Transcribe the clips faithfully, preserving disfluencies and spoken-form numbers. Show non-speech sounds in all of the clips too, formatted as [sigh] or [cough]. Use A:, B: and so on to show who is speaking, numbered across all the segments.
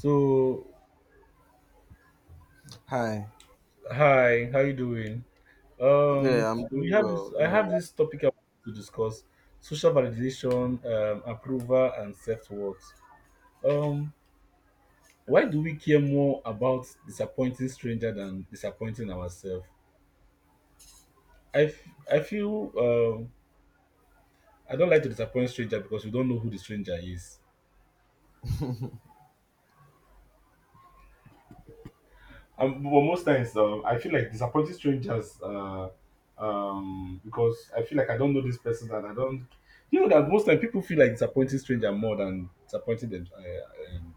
A: So,
B: Hi.
A: hi, how you doing? Um,
B: Yeah,
A: t-
B: I'm
A: we
B: doing
A: have
B: well.
A: this.
B: Good
A: I have
B: morning.
A: this topic I want to discuss: social validation, um, approval, and self-worth. Um, why do we care more about disappointing stranger than disappointing ourselves? I f- I feel um, I don't like to disappoint stranger because we don't know who the stranger is. Um, well, most times, um, I feel like disappointing strangers, uh, um, because I feel like I don't know this person and I don't. You know that most time people feel like disappointing stranger more than disappointing them, uh, um,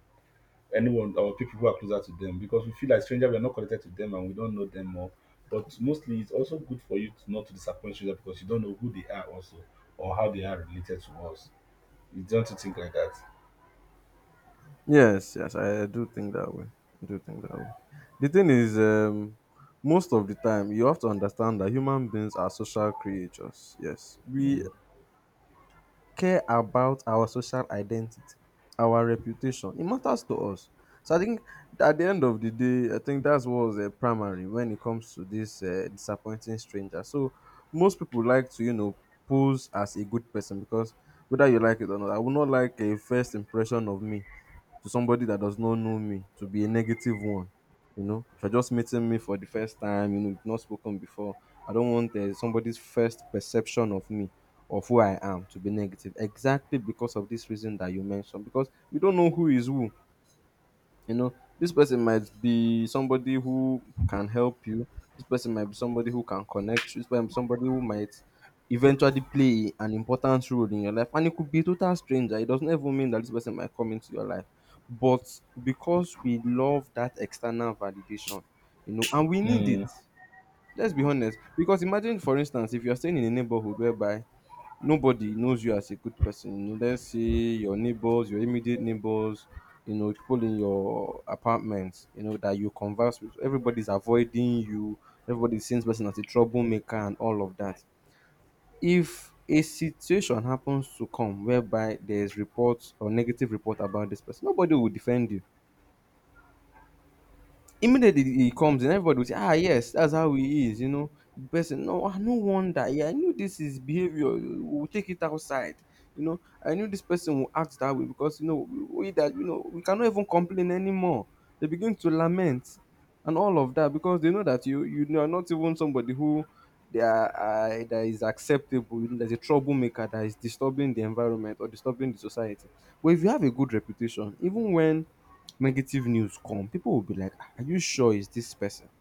A: anyone or people who are closer to them because we feel like stranger we are not connected to them and we don't know them more. But mostly, it's also good for you to not to disappoint stranger because you don't know who they are also or how they are related to us. You don't you think like that?
B: Yes, yes, I do think that way. I do think that way. The thing is, um, most of the time, you have to understand that human beings are social creatures. Yes, we care about our social identity, our reputation. It matters to us. So I think at the end of the day, I think that's what was uh, primary when it comes to this uh, disappointing stranger. So most people like to, you know, pose as a good person, because whether you like it or not, I would not like a first impression of me to somebody that does not know me to be a negative one. You know, if you're just meeting me for the first time, you know, we've not spoken before, I don't want uh, somebody's first perception of me, of who I am, to be negative. Exactly because of this reason that you mentioned, because we don't know who is who. You know, this person might be somebody who can help you. This person might be somebody who can connect you. This person somebody who might eventually play an important role in your life. And it could be a total stranger. It doesn't even mean that this person might come into your life. But because we love that external validation, you know, and we need it.
A: Mm.
B: Let's be honest. Because imagine, for instance, if you're staying in a neighborhood whereby nobody knows you as a good person, unless say your neighbors, your immediate neighbors, you know, people in your apartment, you know, that you converse with. Everybody's avoiding you, everybody sees person as a troublemaker and all of that. If a situation happens to come whereby there's reports or negative report about this person, nobody will defend you. Immediately he comes in, everybody will say, "Ah, yes, that's how he is, you know. The person, no, ah, no wonder. Yeah, I knew this is behavior. We'll take it outside. You know, I knew this person will act that way because, you know, we that, you know, we cannot even complain anymore. They begin to lament and all of that, because they know that you you are not even somebody who they are, uh, that is acceptable. There's a troublemaker that is disturbing the environment or disturbing the society. But if you have a good reputation, even when negative news come, people will be like, "Ah, are you sure it's this person?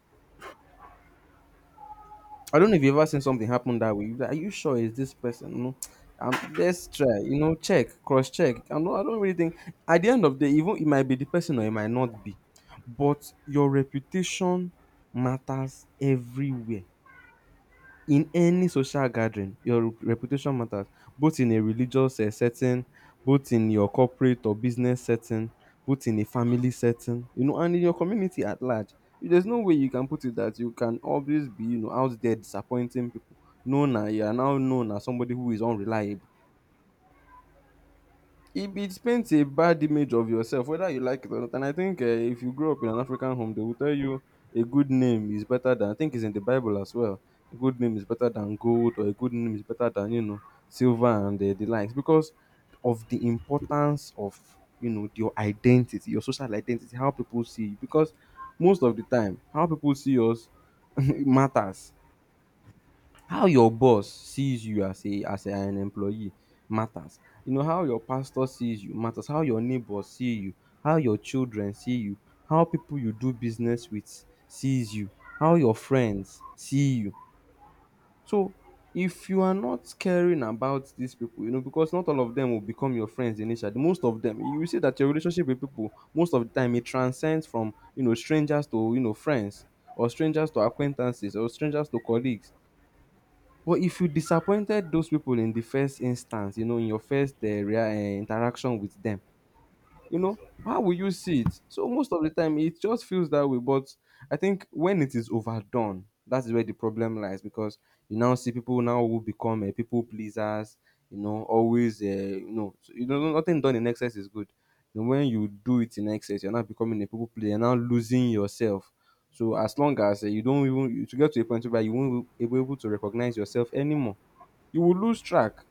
B: I don't know if you've ever seen something happen that way. You'll be like, are you sure it's this person? No. Um, let's try, you know, check, cross check. I don't, I don't really think at the end of the day, even it might be the person or it might not be." But your reputation matters everywhere. In any social gathering, your reputation matters, both in a religious uh, setting, both in your corporate or business setting, both in a family setting, you know, and in your community at large. There's no way you can put it that you can always be, you know, out there disappointing people. Known na, you are now known as somebody who is unreliable. It, it paints a bad image of yourself, whether you like it or not. And I think uh, if you grow up in an African home, they will tell you a good name is better than, I think it's in the Bible as well. A good name is better than gold, or a good name is better than, you know, silver, and the, the likes, because of the importance of, you know, your identity, your social identity, how people see you. Because most of the time, how people see us [laughs] matters. How your boss sees you as a as a- an employee matters. You know, how your pastor sees you matters, how your neighbors see you, how your children see you, how people you do business with sees you, how your friends see you. So if you are not caring about these people, you know, because not all of them will become your friends initially. Most of them, you will see that your relationship with people, most of the time, it transcends from, you know, strangers to, you know, friends, or strangers to acquaintances, or strangers to colleagues. But if you disappointed those people in the first instance, you know, in your first uh, rea- uh, interaction with them, you know how will you see it. So most of the time it just feels that way, but I think when it is overdone, that's where the problem lies, because you now see people now who become uh, people pleasers, you know always, uh, you know so, you know nothing done in excess is good. And when you do it in excess, you're not becoming a people pleaser, you're now losing yourself. So as long as uh, you don't even you to get to a point where you won't be able to recognize yourself anymore, you will lose track.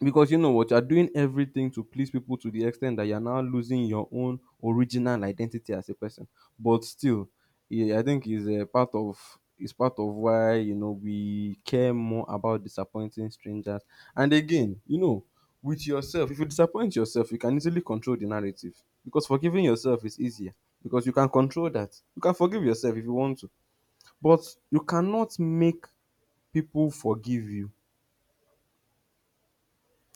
B: Because you know what? You're doing everything to please people to the extent that you're now losing your own original identity as a person. But still, yeah, I think is a part of is part of why you know we care more about disappointing strangers. And again, you know, with yourself, if you disappoint yourself, you can easily control the narrative, because forgiving yourself is easier, because you can control that. You can forgive yourself if you want to, but you cannot make people forgive you.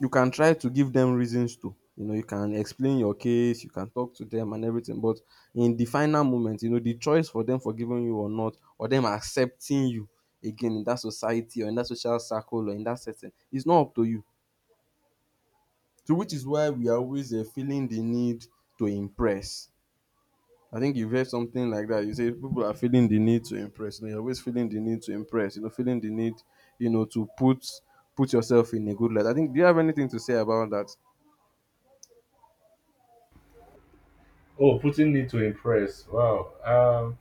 B: You can try to give them reasons to. You know, you can explain your case, you can talk to them and everything, but in the final moment, you know, the choice for them forgiving you or not, or them accepting you again in that society or in that social circle or in that setting, is not up to you. So which is why we are always uh, feeling the need to impress. I think you've heard something like that. You say people are feeling the need to impress. You know, you're always feeling the need to impress. You know, feeling the need, you know, to put put yourself in a good light. I think. Do you have anything to say about that?
A: Oh, putting need to impress. Wow. Um,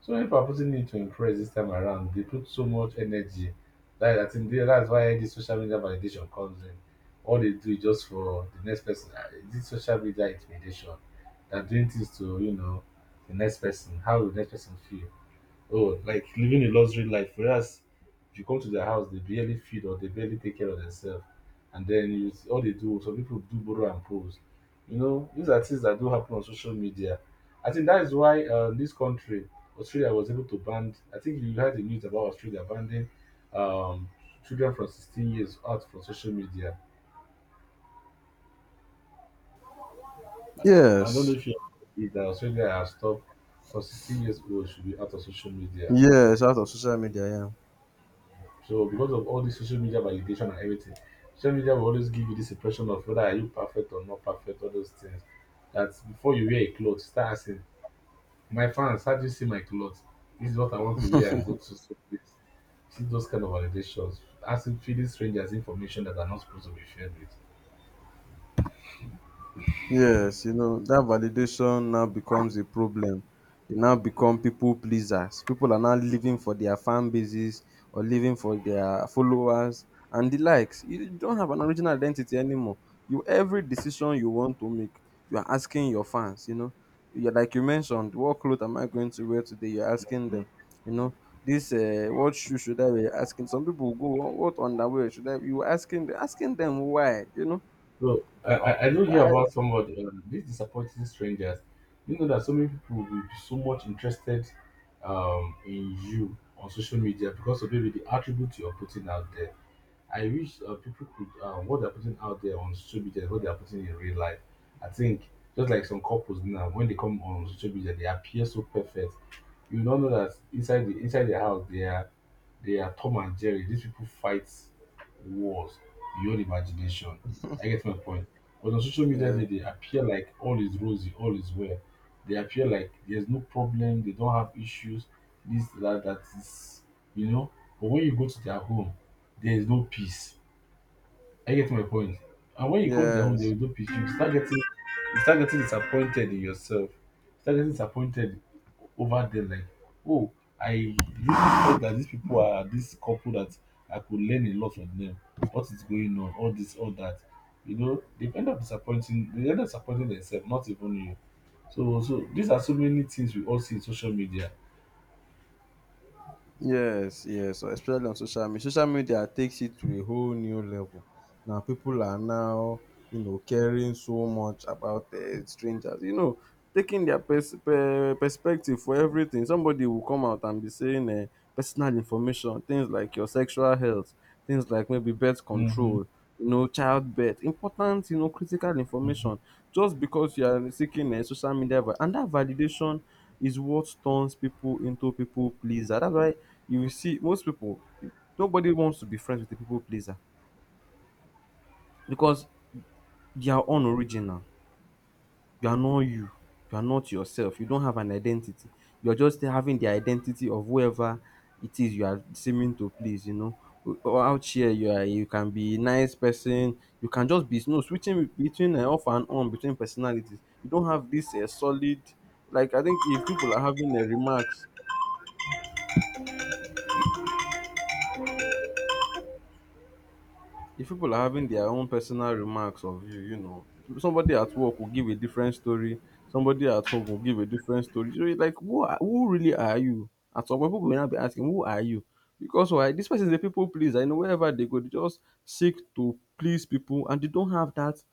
A: So when people need to impress this time around, they put so much energy. That I think they- that's why the social media validation comes in. All they do is just for the next person. Ah, this social media intimidation. They're doing things to, you know, the next person. How will the next person feel? Oh, like living a luxury life. Whereas if you come to their house, they barely feed or they barely take care of themselves. And then you, all they do, some people do borrow and pose. You know, these are things that do happen on social media. I think that is why uh, this country, Australia, was able to ban. I think you heard the news about Australia banning um, children from sixteen years out from social media. I don't know
B: Yes.
A: if you agree that Australia has stopped from sixteen years old should be out of social media.
B: Yes, out of social media, yeah.
A: So because of all this social media validation and everything, social media will always give you this impression of whether are you perfect or not perfect, all those things. That before you wear a clothes, start asking, my fans, how do you see my clothes? This is what I want to wear and go to so place. See those kind of validations, asking feeding strangers information that are not supposed to be shared with.
B: Yes, you know, that validation now becomes a problem. They now become people pleasers. People are now living for their fan bases, or living for their followers and the likes. You don't have an original identity anymore. You every decision you want to make, you are asking your fans, you know. You're, like you mentioned, what clothes am I going to wear today? You're asking them, you know, this uh, what shoe should I wear? Asking some people go, what underwear should I? You asking asking them why, you know
A: So I,
B: Oh,
A: I I do
B: why?
A: hear about somebody, uh, these disappointing strangers. You know that so many people will be so much interested um, in you on social media because of maybe the attributes you're putting out there. I wish uh, people could uh, what they're putting out there on social media, is what they're putting in real life. I think just like some couples now, when they come on social media, they appear so perfect. You don't know that inside the inside their house, they are they are Tom and Jerry. These people fight wars beyond imagination. I get my point. But on social media,
B: Yeah.
A: they, they appear like all is rosy, all is well. They appear like there's no problem, they don't have issues, this, that, that is, you know. But when you go to their home, there is no peace. I get my point. And when you come to their home,
B: Yes.
A: they will do pitch you. Start getting, you start getting disappointed in yourself. Start getting disappointed over them. Like, oh, I really thought that these people are this couple that I could learn a lot from them. What is going on? All this, all that. You know, they end up disappointing. They end up disappointing themselves, not even you. So, so these are so many things we all see in social media.
B: Yes. Yes. So especially on social media. Social media takes it to a whole new level. Now people are now, you know, caring so much about uh, strangers. You know, taking their pers- per- perspective for everything. Somebody will come out and be saying uh, personal information, things like your sexual health, things like maybe birth
A: Mm-hmm.
B: control, you know, childbirth, important, you know, critical information. Just because you are seeking a social media, va- and that validation is what turns people into people pleaser. That's why you will see most people, nobody wants to be friends with a people pleaser, because they are unoriginal. You are not you. You are not yourself. You don't have an identity. You're just having the identity of whoever it is you are seeming to please, you know. Or out here, you are you can be a nice person. You can just be no switching between uh, off and on between personalities. You don't have this uh, solid, like I think if people are having uh, remarks, if people are having their own personal remarks of you, you know, somebody at work will give a different story, somebody at home will give a different story. So it's like, who are, who really are you? At some point, people will now be asking, who are you? Because why? This person is a people pleaser. You know, wherever they go, they just seek to please people, and they don't have that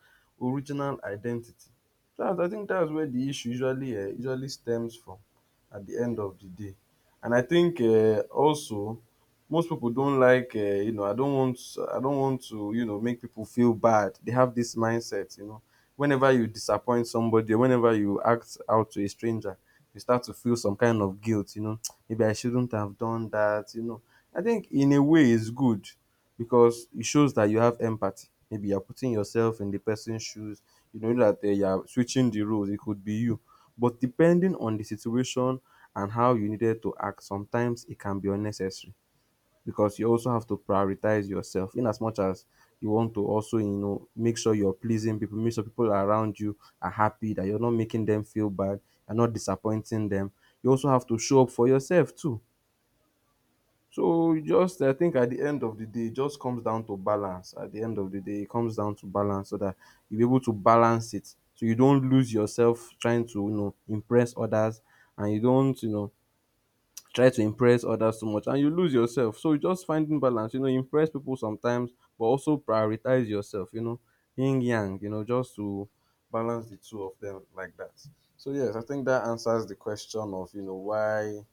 B: original identity. That, I think that's where the issue usually uh, usually stems from at the end of the day. And I think uh, also most people don't like uh, you know I don't want I don't want to you know make people feel bad. They have this mindset, you know, whenever you disappoint somebody, whenever you act out to a stranger, you start to feel some kind of guilt, you know. [tsk] Maybe I shouldn't have done that, you know. I think in a way it's good because it shows that you have empathy. Maybe you're putting yourself in the person's shoes, you know, that uh, you're switching the roles. It could be you, but depending on the situation and how you needed to act, sometimes it can be unnecessary because you also have to prioritize yourself, in as much as you want to also, you know, make sure you're pleasing people, make sure people around you are happy, that you're not making them feel bad, you're not disappointing them. You also have to show up for yourself too. So just, I think at the end of the day it just comes down to balance. At the end of the day it comes down to balance, so that you are able to balance it, so you don't lose yourself trying to, you know, impress others, and you don't, you know, try to impress others too much and you lose yourself. So just finding balance, you know, impress people sometimes, but also prioritize yourself, you know, yin yang, you know, just to balance the two of them like that. So yes, I think that answers the question of, you know, why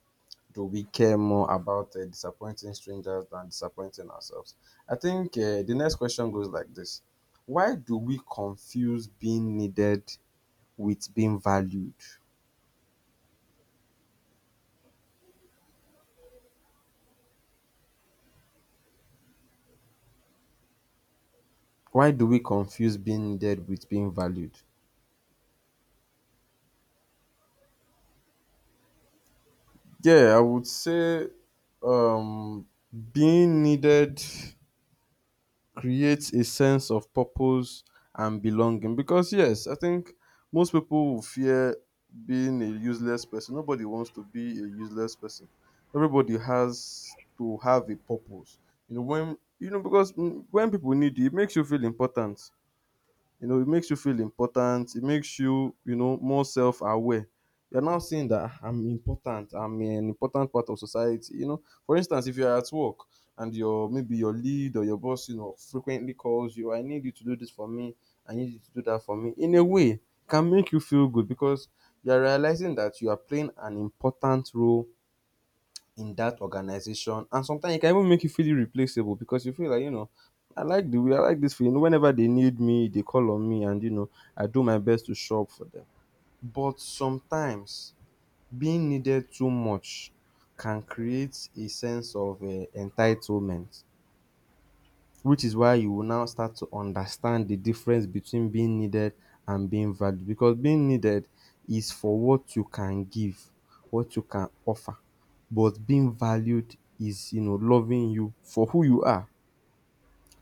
B: do we care more about uh, disappointing strangers than disappointing ourselves? I think uh, the next question goes like this. Why do we confuse being needed with being valued? Why do we confuse being needed with being valued? Yeah, I would say um, being needed creates a sense of purpose and belonging. Because, yes, I think most people will fear being a useless person. Nobody wants to be a useless person. Everybody has to have a purpose. You know, when, you know, because mm, when people need you, it makes you feel important, you know, it makes you feel important. It makes you, you know, more self-aware. You're now seeing that, "Ah, I'm important. I'm an important part of society." You know, for instance, if you're at work and your maybe your lead or your boss, you know, frequently calls you, "I need you to do this for me. I need you to do that for me." In a way, it can make you feel good because you're realizing that you are playing an important role in that organization, and sometimes it can even make you feel irreplaceable because you feel like, you know, I like the way I like this feeling whenever they need me, they call on me, and, you know, I do my best to show up for them. But sometimes being needed too much can create a sense of uh, entitlement, which is why you will now start to understand the difference between being needed and being valued. Because being needed is for what you can give, what you can offer, but being valued is, you know, loving you for who you are.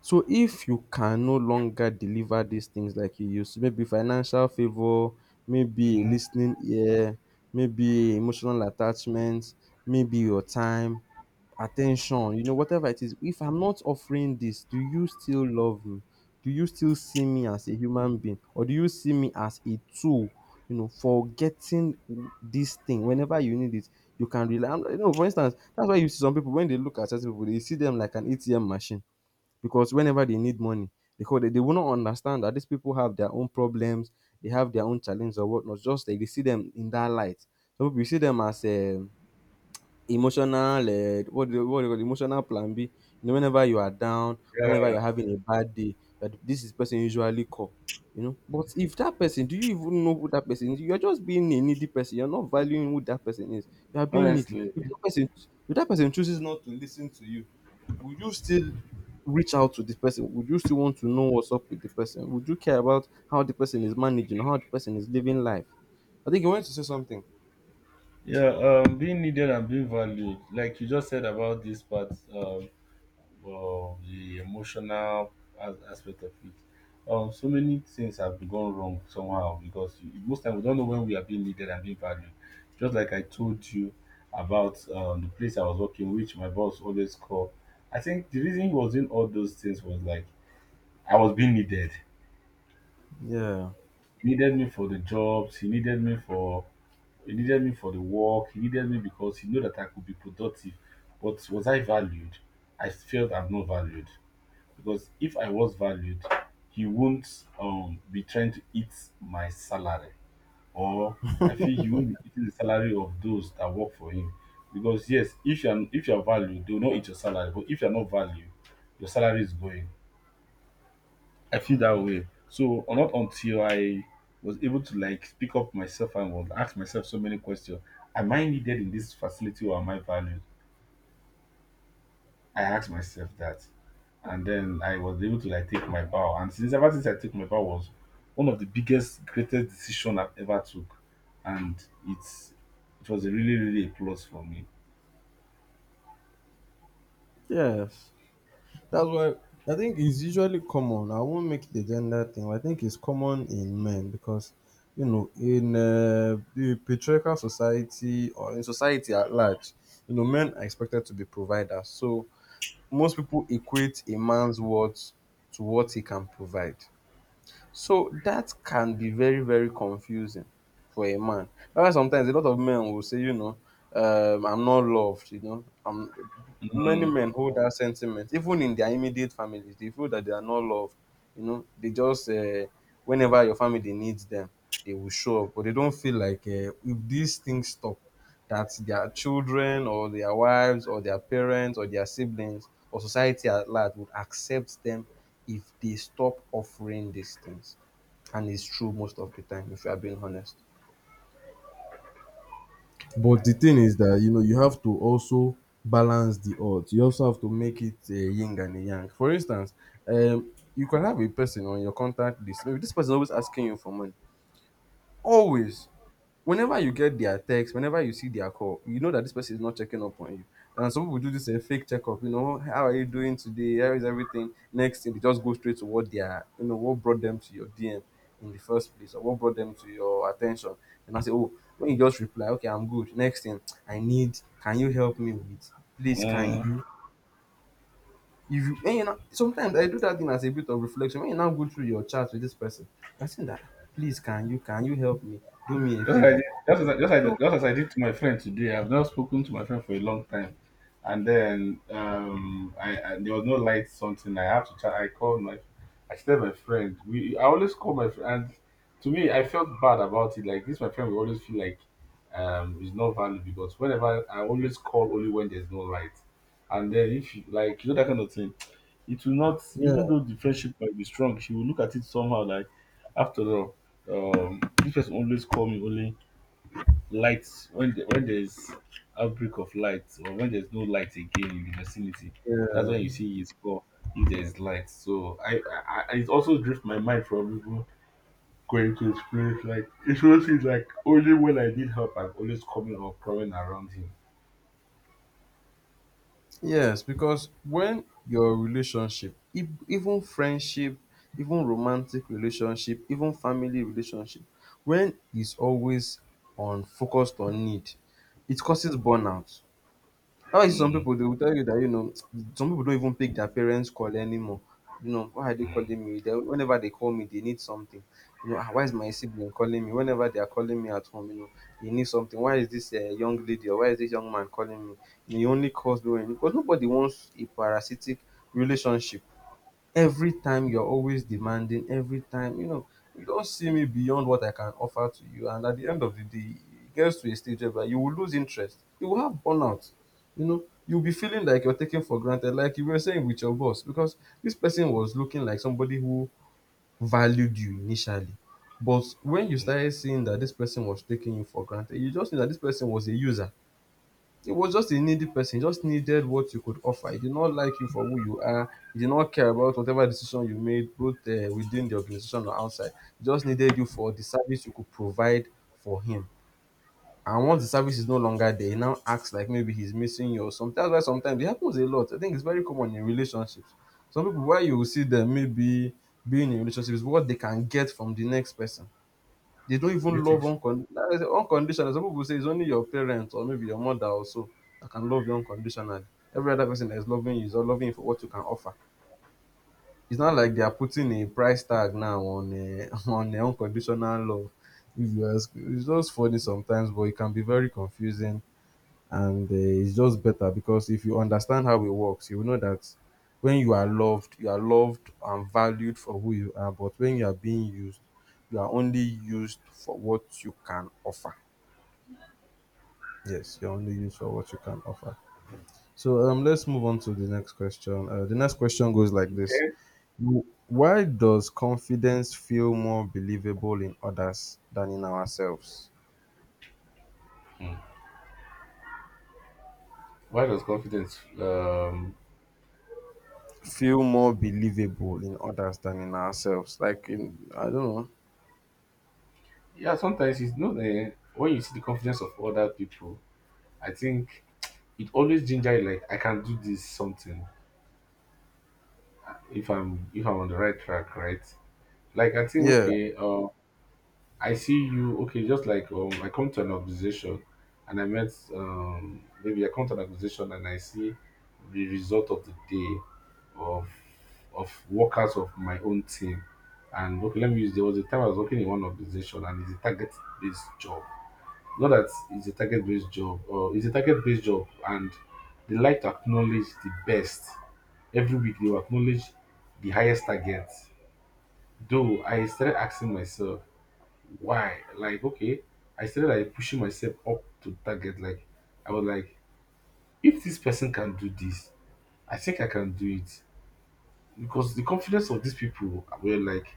B: So if you can no longer deliver these things like you used to, maybe financial favor, maybe a
A: Hmm.
B: listening ear, maybe emotional attachment, maybe your time, attention, you know, whatever it is, if I'm not offering this, do you still love me? Do you still see me as a human being? Or do you see me as a tool, you know, for getting this thing whenever you need it? You can rely, I'm- you know, for instance, that's why you see some people, when they look at certain people, they see them like an A T M machine because whenever they need money, because they, they will not understand that these people have their own problems, they have their own challenges or whatnot. Just like they see them in that light. So we see them as um emotional uh, what do you, what do you call it? Emotional plan B. You know, whenever you are down, whenever
A: Yeah,
B: you're having a bad day, that this is person usually call. You know, but if that person, do you even know who that person is? You're just being a needy person. You're not valuing who that person is. You are being needy.
A: honestly.
B: If that person, if that person chooses not to listen to you, would you still reach out to the person? Would you still want to know what's up with the person? Would you care about how the person is managing, how the person is living life? I think you want to say something.
A: Yeah, um, being needed and being valued, like you just said about this part um, of the emotional as- aspect of it. Um, so many things have gone wrong somehow because you- most time we don't know when we are being needed and being valued. Just like I told you about um, the place I was working, which my boss always called. I think the reason he was in all those things was like I was being needed.
B: Yeah.
A: He needed me for the jobs. He needed me for he needed me for the work. He needed me because he knew that I could be productive. But was I valued? I felt I'm not valued because if I was valued, he wouldn't um, be trying to eat my salary, or I feel he won't be eating the salary of those that work for him. Because yes, if you're if you're valued, they will not eat your salary. But if you're not valued, your salary is going. I feel that way. So or not until I was able to like pick up myself and was ask myself so many questions. Am I needed in this facility or am I valued? I asked myself that. And then I was able to like take my vow. And since ever since I took my vow was one of the biggest, greatest decision I've ever took. And it's it was a really, really a plus for me.
B: Yes. That's why I think it's usually common. I won't make it a gender thing, but I think it's common in men because, you know, in uh, the patriarchal society or in society at large, you know, men are expected to be providers. So most people equate a man's worth to what he can provide. So that can be very, very confusing for a man. That's why sometimes a lot of men will say, you know, um, I'm not loved, you know. I'm, many
A: Mm,
B: men hold that sentiment, even in their immediate families. They feel that they are not loved, you know. They just, uh, whenever your family needs them, they will show up, but they don't feel like uh, if these things stop, that their children or their wives or their parents or their siblings or society at large would accept them if they stop offering these things. And it's true most of the time, if you are being honest. But the thing is that, you know, you have to also balance the odds. You also have to make it a yin and a yang. For instance, um, you can have a person on your contact list. Maybe this person is always asking you for money, always. Whenever you get their text, whenever you see their call, you know that this person is not checking up on you. And some people do this uh, fake checkup, you know, "How are you doing today? How is everything?" Next thing, they just go straight to what they are, you know, what brought them to your D M in the first place, or what brought them to your attention. And I say, oh, when you just reply, "Okay, I'm good." Next thing, "I need, can you help me with? Please, can
A: mm.
B: you?" If you, and you know, sometimes I do that thing as a bit of reflection. When you now go through your chat with this person, I say that, "Please, can you, can you help me? Do me a
A: Just like
B: favor."
A: just as I, just,
B: So
A: like, just as I did to my friend today, I've not spoken to my friend for a long time, and then um, I, I there was no light something. I have to try. I called my, I said my friend. We I always call my friend, and to me I felt bad about it. Like this, my friend will always feel like um is not valid because whenever I always call only when there's no light, and then if you like you know that kind of thing, it will not
B: yeah.
A: even though the friendship might be strong, she will look at it somehow like after all um this person always call me only lights when the, when there's outbreak of light or when there's no light again in the vicinity, that's
B: Yeah.
A: when you see his call if there's light. So i i, I it also drifts my mind from people going to his place. Like [laughs] it shows he's like only when I need help I'm always coming or crawling around him.
B: Yes, because when your relationship, e- even friendship, even romantic relationship, even family relationship, when it's always on focused on need, it causes burnout. How is it some
A: Mm.
B: pipu dey will tell you that, you know, some pipu don't even pick their parents call anymore. You know, why are they calling me? They, whenever they call me they need something. You know, ah, why is my sibling calling me? Whenever they are calling me at home, you know, they need something. Why is this um young lady or why is this young man calling me? You know, he only calls me when, because nobody wants a parasitic relationship. Every time you're always demanding, every time, you know, you don't see me beyond what I can offer to you, and at the end of the day it gets to a stage where you will lose interest, you will have burnout, you know, you'll be feeling like you're taken for granted, like you were saying with your boss, because this person was looking like somebody who valued you initially, but when you started seeing that this person was taking you for granted, you just knew that this person was a user. He was just a needy person. He just needed what you could offer. He did not like you for who you are. He did not care about whatever decision you made, both uh, within the organization or outside. He just needed you for the service you could provide for him. And once the service is no longer there, he now acts like maybe he's missing you or something. That's why sometimes it happens a lot. I think it's very common in relationships. Some people, why you will see them maybe being in relationships, what they can get from the next person. They don't
A: Do you
B: even love
A: think so?
B: uncon like I said unconditional. Some people say it's only your parents or maybe your mother or so that can love you unconditionally. Every other person that is loving you is all loving you for what you can offer. It's not like they are putting a price tag now on a, [laughs] on a unconditional love. If you ask, it's just funny sometimes, but it can be very confusing and uh, it's just better because if you understand how it works you will know that when you are loved you are loved and valued for who you are, but when you are being used you are only used for what you can offer. Yes, you're only used for what you can offer. So um let's move on to the next question. Uh, the next question goes like this. Wh- why does confidence feel more believable in others than in ourselves?
A: Mm. Why does confidence? Um,
B: Feel more believable in others than in ourselves, like, in I don't know.
A: yeah, sometimes it's not uh, when you see the confidence of other people, I think it always ginger you like I can do this something if I'm if I'm on the right track, right? Like I think
B: Yeah.
A: okay, uh, I see you okay, just like um, I come to an organization and I met um, maybe I come to an organization and I see the result of the day of of workers of my own team. And okay, let me use there was a time I was working in one organization and it's a target based job. Not that it's a target based job, or it's a target based job, and they like to acknowledge the best. Every week they will acknowledge the highest target. Though I started asking myself why, like okay, I started like pushing myself up to target. Like I was like, if this person can do this, I think I can do it because the confidence of these people were like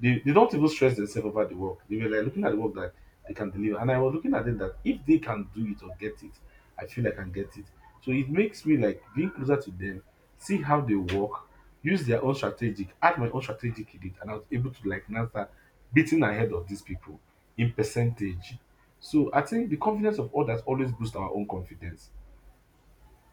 A: they, they don't even stress themselves about the work. They were like looking at the work that they can deliver. And I was looking at them that if they can do it or get it, I feel I can get it. So it makes me like being closer to them, see how they work, use their own strategic, add my own strategic in it, and I was able to like NASA beating ahead of these people in percentage. So I think the confidence of others always boosts our own confidence.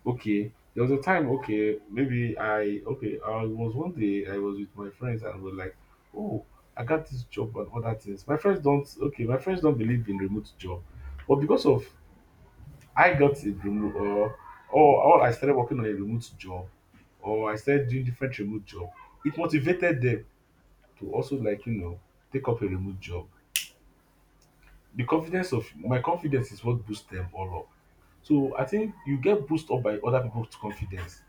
A: Okay, there was a time, okay, maybe I, okay, I was one day I was with my friends and we're like, oh, I got this job and other things. My friends don't, okay, my friends don't believe in remote job, but because of I got a remote, or or or I started working on a remote job, or I started doing different remote job, it motivated them to also like you know take up a remote job. The confidence of my confidence is what boosts them all up. So I think you get boosted up by other people's confidence,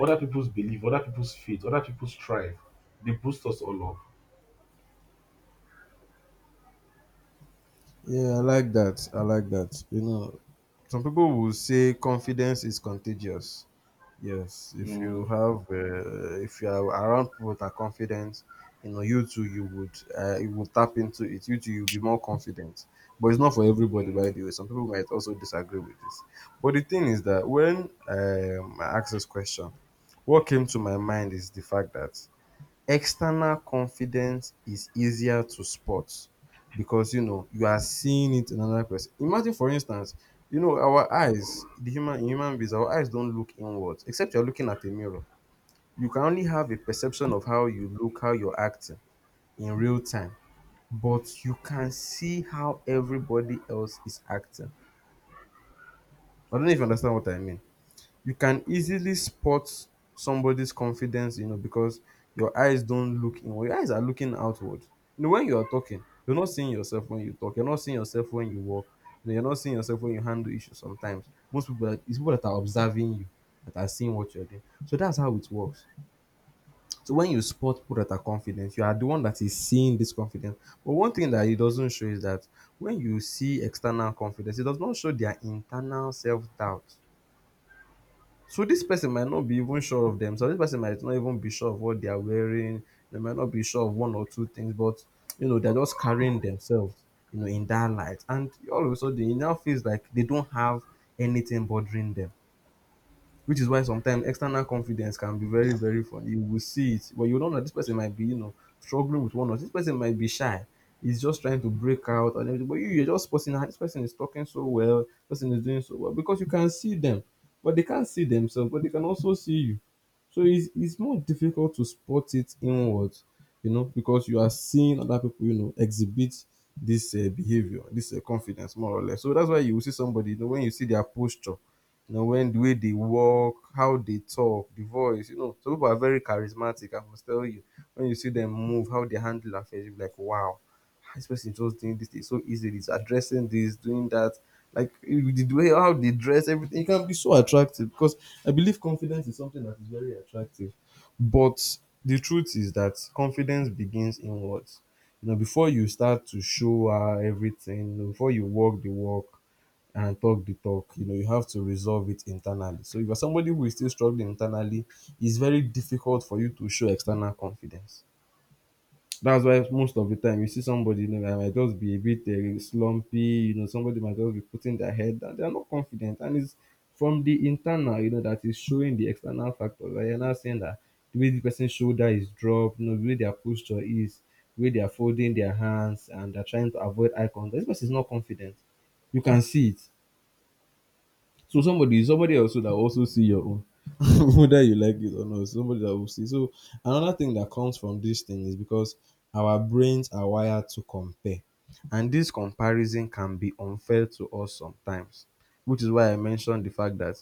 A: other people's belief, other people's faith, other people's strive, they boost us all up.
B: Yeah, I like that. I like that. You know, some people will say confidence is contagious. Yes, if you
A: Mm-hmm.
B: have, uh, if you are around people that are confident, you know, you too, you would, uh, you would tap into it. You too, you'll be more confident. But it's not for everybody, by the way. Some people might also disagree with this. But the thing is that when um, I asked this question, what came to my mind is the fact that external confidence is easier to spot because you know you are seeing it in another person. Imagine, for instance, you know our eyes, the human in human beings, our eyes don't look inwards except you're looking at a mirror. You can only have a perception of how you look, how you're acting in real time, but you can see how everybody else is acting. I don't know if you understand what I mean. You can easily spot somebody's confidence, you know, because your eyes don't look inward. Your eyes are looking outward. You know, when you are talking, you're not seeing yourself when you talk. You're not seeing yourself when you walk. You know, you're not seeing yourself when you handle issues sometimes. Most people, that, it's people that are observing you that are seeing what you're doing. So that's how it works. So when you spot people that are confident, you are the one that is seeing this confidence. But one thing that it doesn't show is that when you see external confidence, it does not show their internal self doubt. So this person might not be even sure of themselves. This person might not even be sure of what they are wearing. They might not be sure of one or two things, but you know, they're just carrying themselves, you know, in that light. And all of a sudden it now feels like they don't have anything bothering them, which is why sometimes external confidence can be very very funny. You will see it, but you don't know, this person might be, you know, struggling with one, or this person might be shy. He's just trying to break out and everything, but you you're just posting, "Ah, this person is talking so well, this person is doing so well," because you can see them but they can't see themselves, but they can also see you. So it's, it's more difficult to spot it inward, you know, because you are seeing other people, you know, exhibit this uh, behavior, this uh, confidence, more or less. So that's why you will see somebody, you know, when you see their posture, you know, when the way they walk, how they talk, the voice, you know, some people are very charismatic. I must tell you, when you see them move, how they handle affairs, you'll be like, wow, this person is just doing this thing so easily. It's addressing this, doing that. Like you- the way how they dress, everything, it can be so attractive, because I believe confidence is something that is very attractive. But the truth is that confidence begins inwards. You know, before you start to show her everything, you know, before you walk the walk and talk the talk, you know, you have to resolve it internally. So if you're somebody who is still struggling internally, it's very difficult for you to show external confidence. That's why most of the time you see somebody, you know, that might just be a bit uh, slumpy, you know, somebody might just be putting their head down. They're not confident. And it's from the internal, you know, that is showing the external factors. Like you're not saying that the way the person's shoulder is dropped, you know, the way their posture is, the way they are folding their hands and they're trying to avoid eye contact, this person is not confident. You can see it. So somebody, somebody also that also see your own, [laughs] whether you like it or not. Somebody that will see. So another thing that comes from this thing is because our brains are wired to compare, and this comparison can be unfair to us sometimes, which is why I mentioned the fact that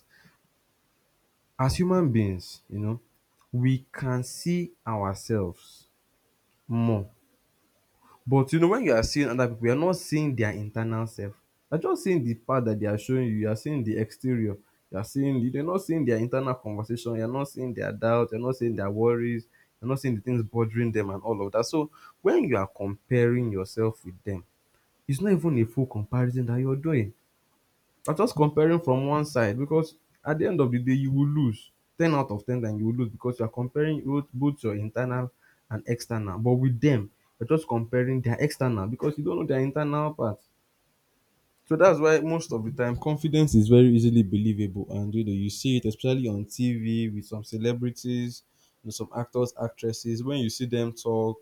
B: as human beings, you know, we can see ourselves more, but you know when you are seeing other people, you are not seeing their internal self. You're just seeing the part that they are showing you. You are seeing the exterior. You are seeing you're not seeing their internal conversation. You're not seeing their doubts. You're not seeing their worries. You're not seeing the things bothering them and all of that. So when you are comparing yourself with them, it's not even a full comparison that you're doing. I'm just comparing from one side, because at the end of the day, you will lose. ten out of ten that you will lose, because you are comparing both, both your internal and external. But with them, you're just comparing their external because you don't know their internal part. So that's why most of the time confidence is very easily believable, and you know you see it, especially on T V, with some celebrities, you know, some actors, actresses. When you see them talk,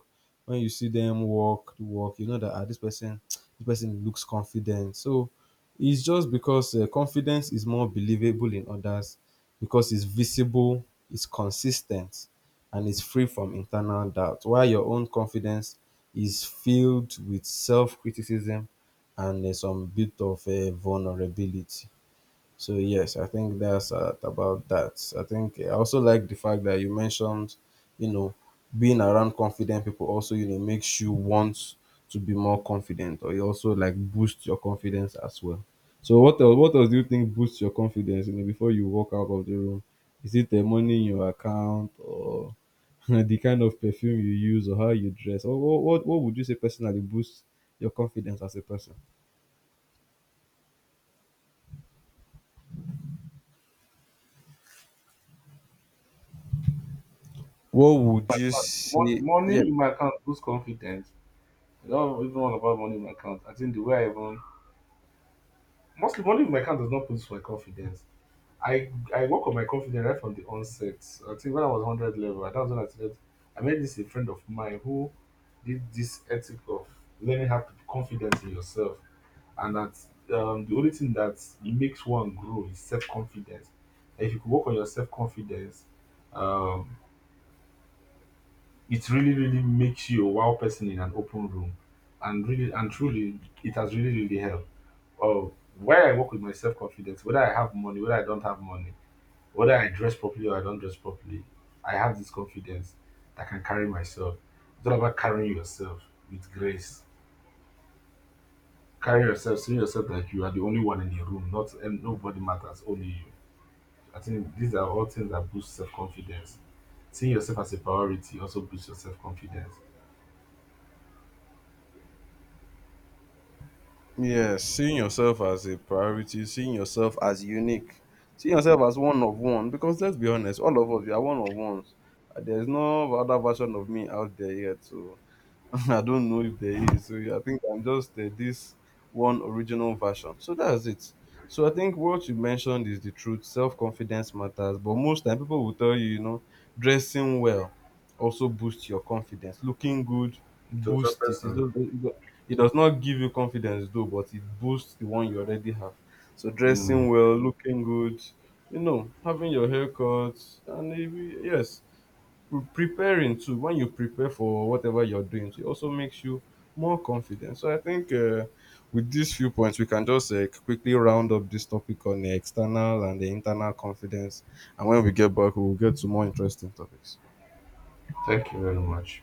B: when you see them walk, walk, you know that, ah, this person, this person looks confident. So it's just because uh, confidence is more believable in others because it's visible, it's consistent, and it's free from internal doubt. While your own confidence is filled with self criticism and uh, some bit of uh, vulnerability. So yes, I think that's uh, about that. I think uh, I also like the fact that you mentioned, you know, being around confident people also you know makes you want to be more confident, or it also like boosts your confidence as well. So what else, what else do you think boosts your confidence? You know, before you walk out of the room, is it the money in your account or [laughs] the kind of perfume you use or how you dress? Or what what, what would you say personally boosts your confidence as a person? What would you see? Yeah,
A: Money in my account boosts confidence. I don't even want about money in my account. I think the way I even mostly money in my account does not boost my confidence. I I work on my confidence right from the onset. I think when I was hundred level, that was when I started. I met this a friend of mine who did this ethic of learning how to be confident in yourself, and that um, the only thing that makes one grow is self confidence. If you could work on your self confidence, um, it really really makes you a wow person in an open room, and really and truly it has really really helped. Uh, where I work with my self confidence, whether I have money, whether I don't have money, whether I dress properly or I don't dress properly, I have this confidence that I can carry myself. It's all about carrying yourself with grace. Carry yourself, seeing yourself like you are the only one in the room, not and nobody matters, only you. I think these are all things that boost self confidence. Seeing yourself as a priority also boosts your self confidence.
B: yeah. Seeing yourself as a priority, seeing yourself as unique, seeing yourself as one of one. Because let's be honest, all of us we are one of ones. Uh, There's no other version of me out there yet. So [laughs] I don't know if there is. So yeah, I think I'm just uh, this one original version. So that's it. So I think what you mentioned is the truth. Self confidence matters, but most time people will tell you, you know, dressing well also boosts your confidence. Looking good
A: To a
B: boosts it. It
A: person,
B: does, it do- it does not give you confidence though, but it boosts the one you already have. So dressing
A: mm,
B: well, looking good, you know, having your haircut, and maybe yes, pre- preparing too, when you prepare for whatever you're doing it also makes you more confident. So I think uh, with these few points we can just uh, quickly round up this topic on the external and the internal confidence, and when we get back we'll get to more interesting topics.
A: thank you very much.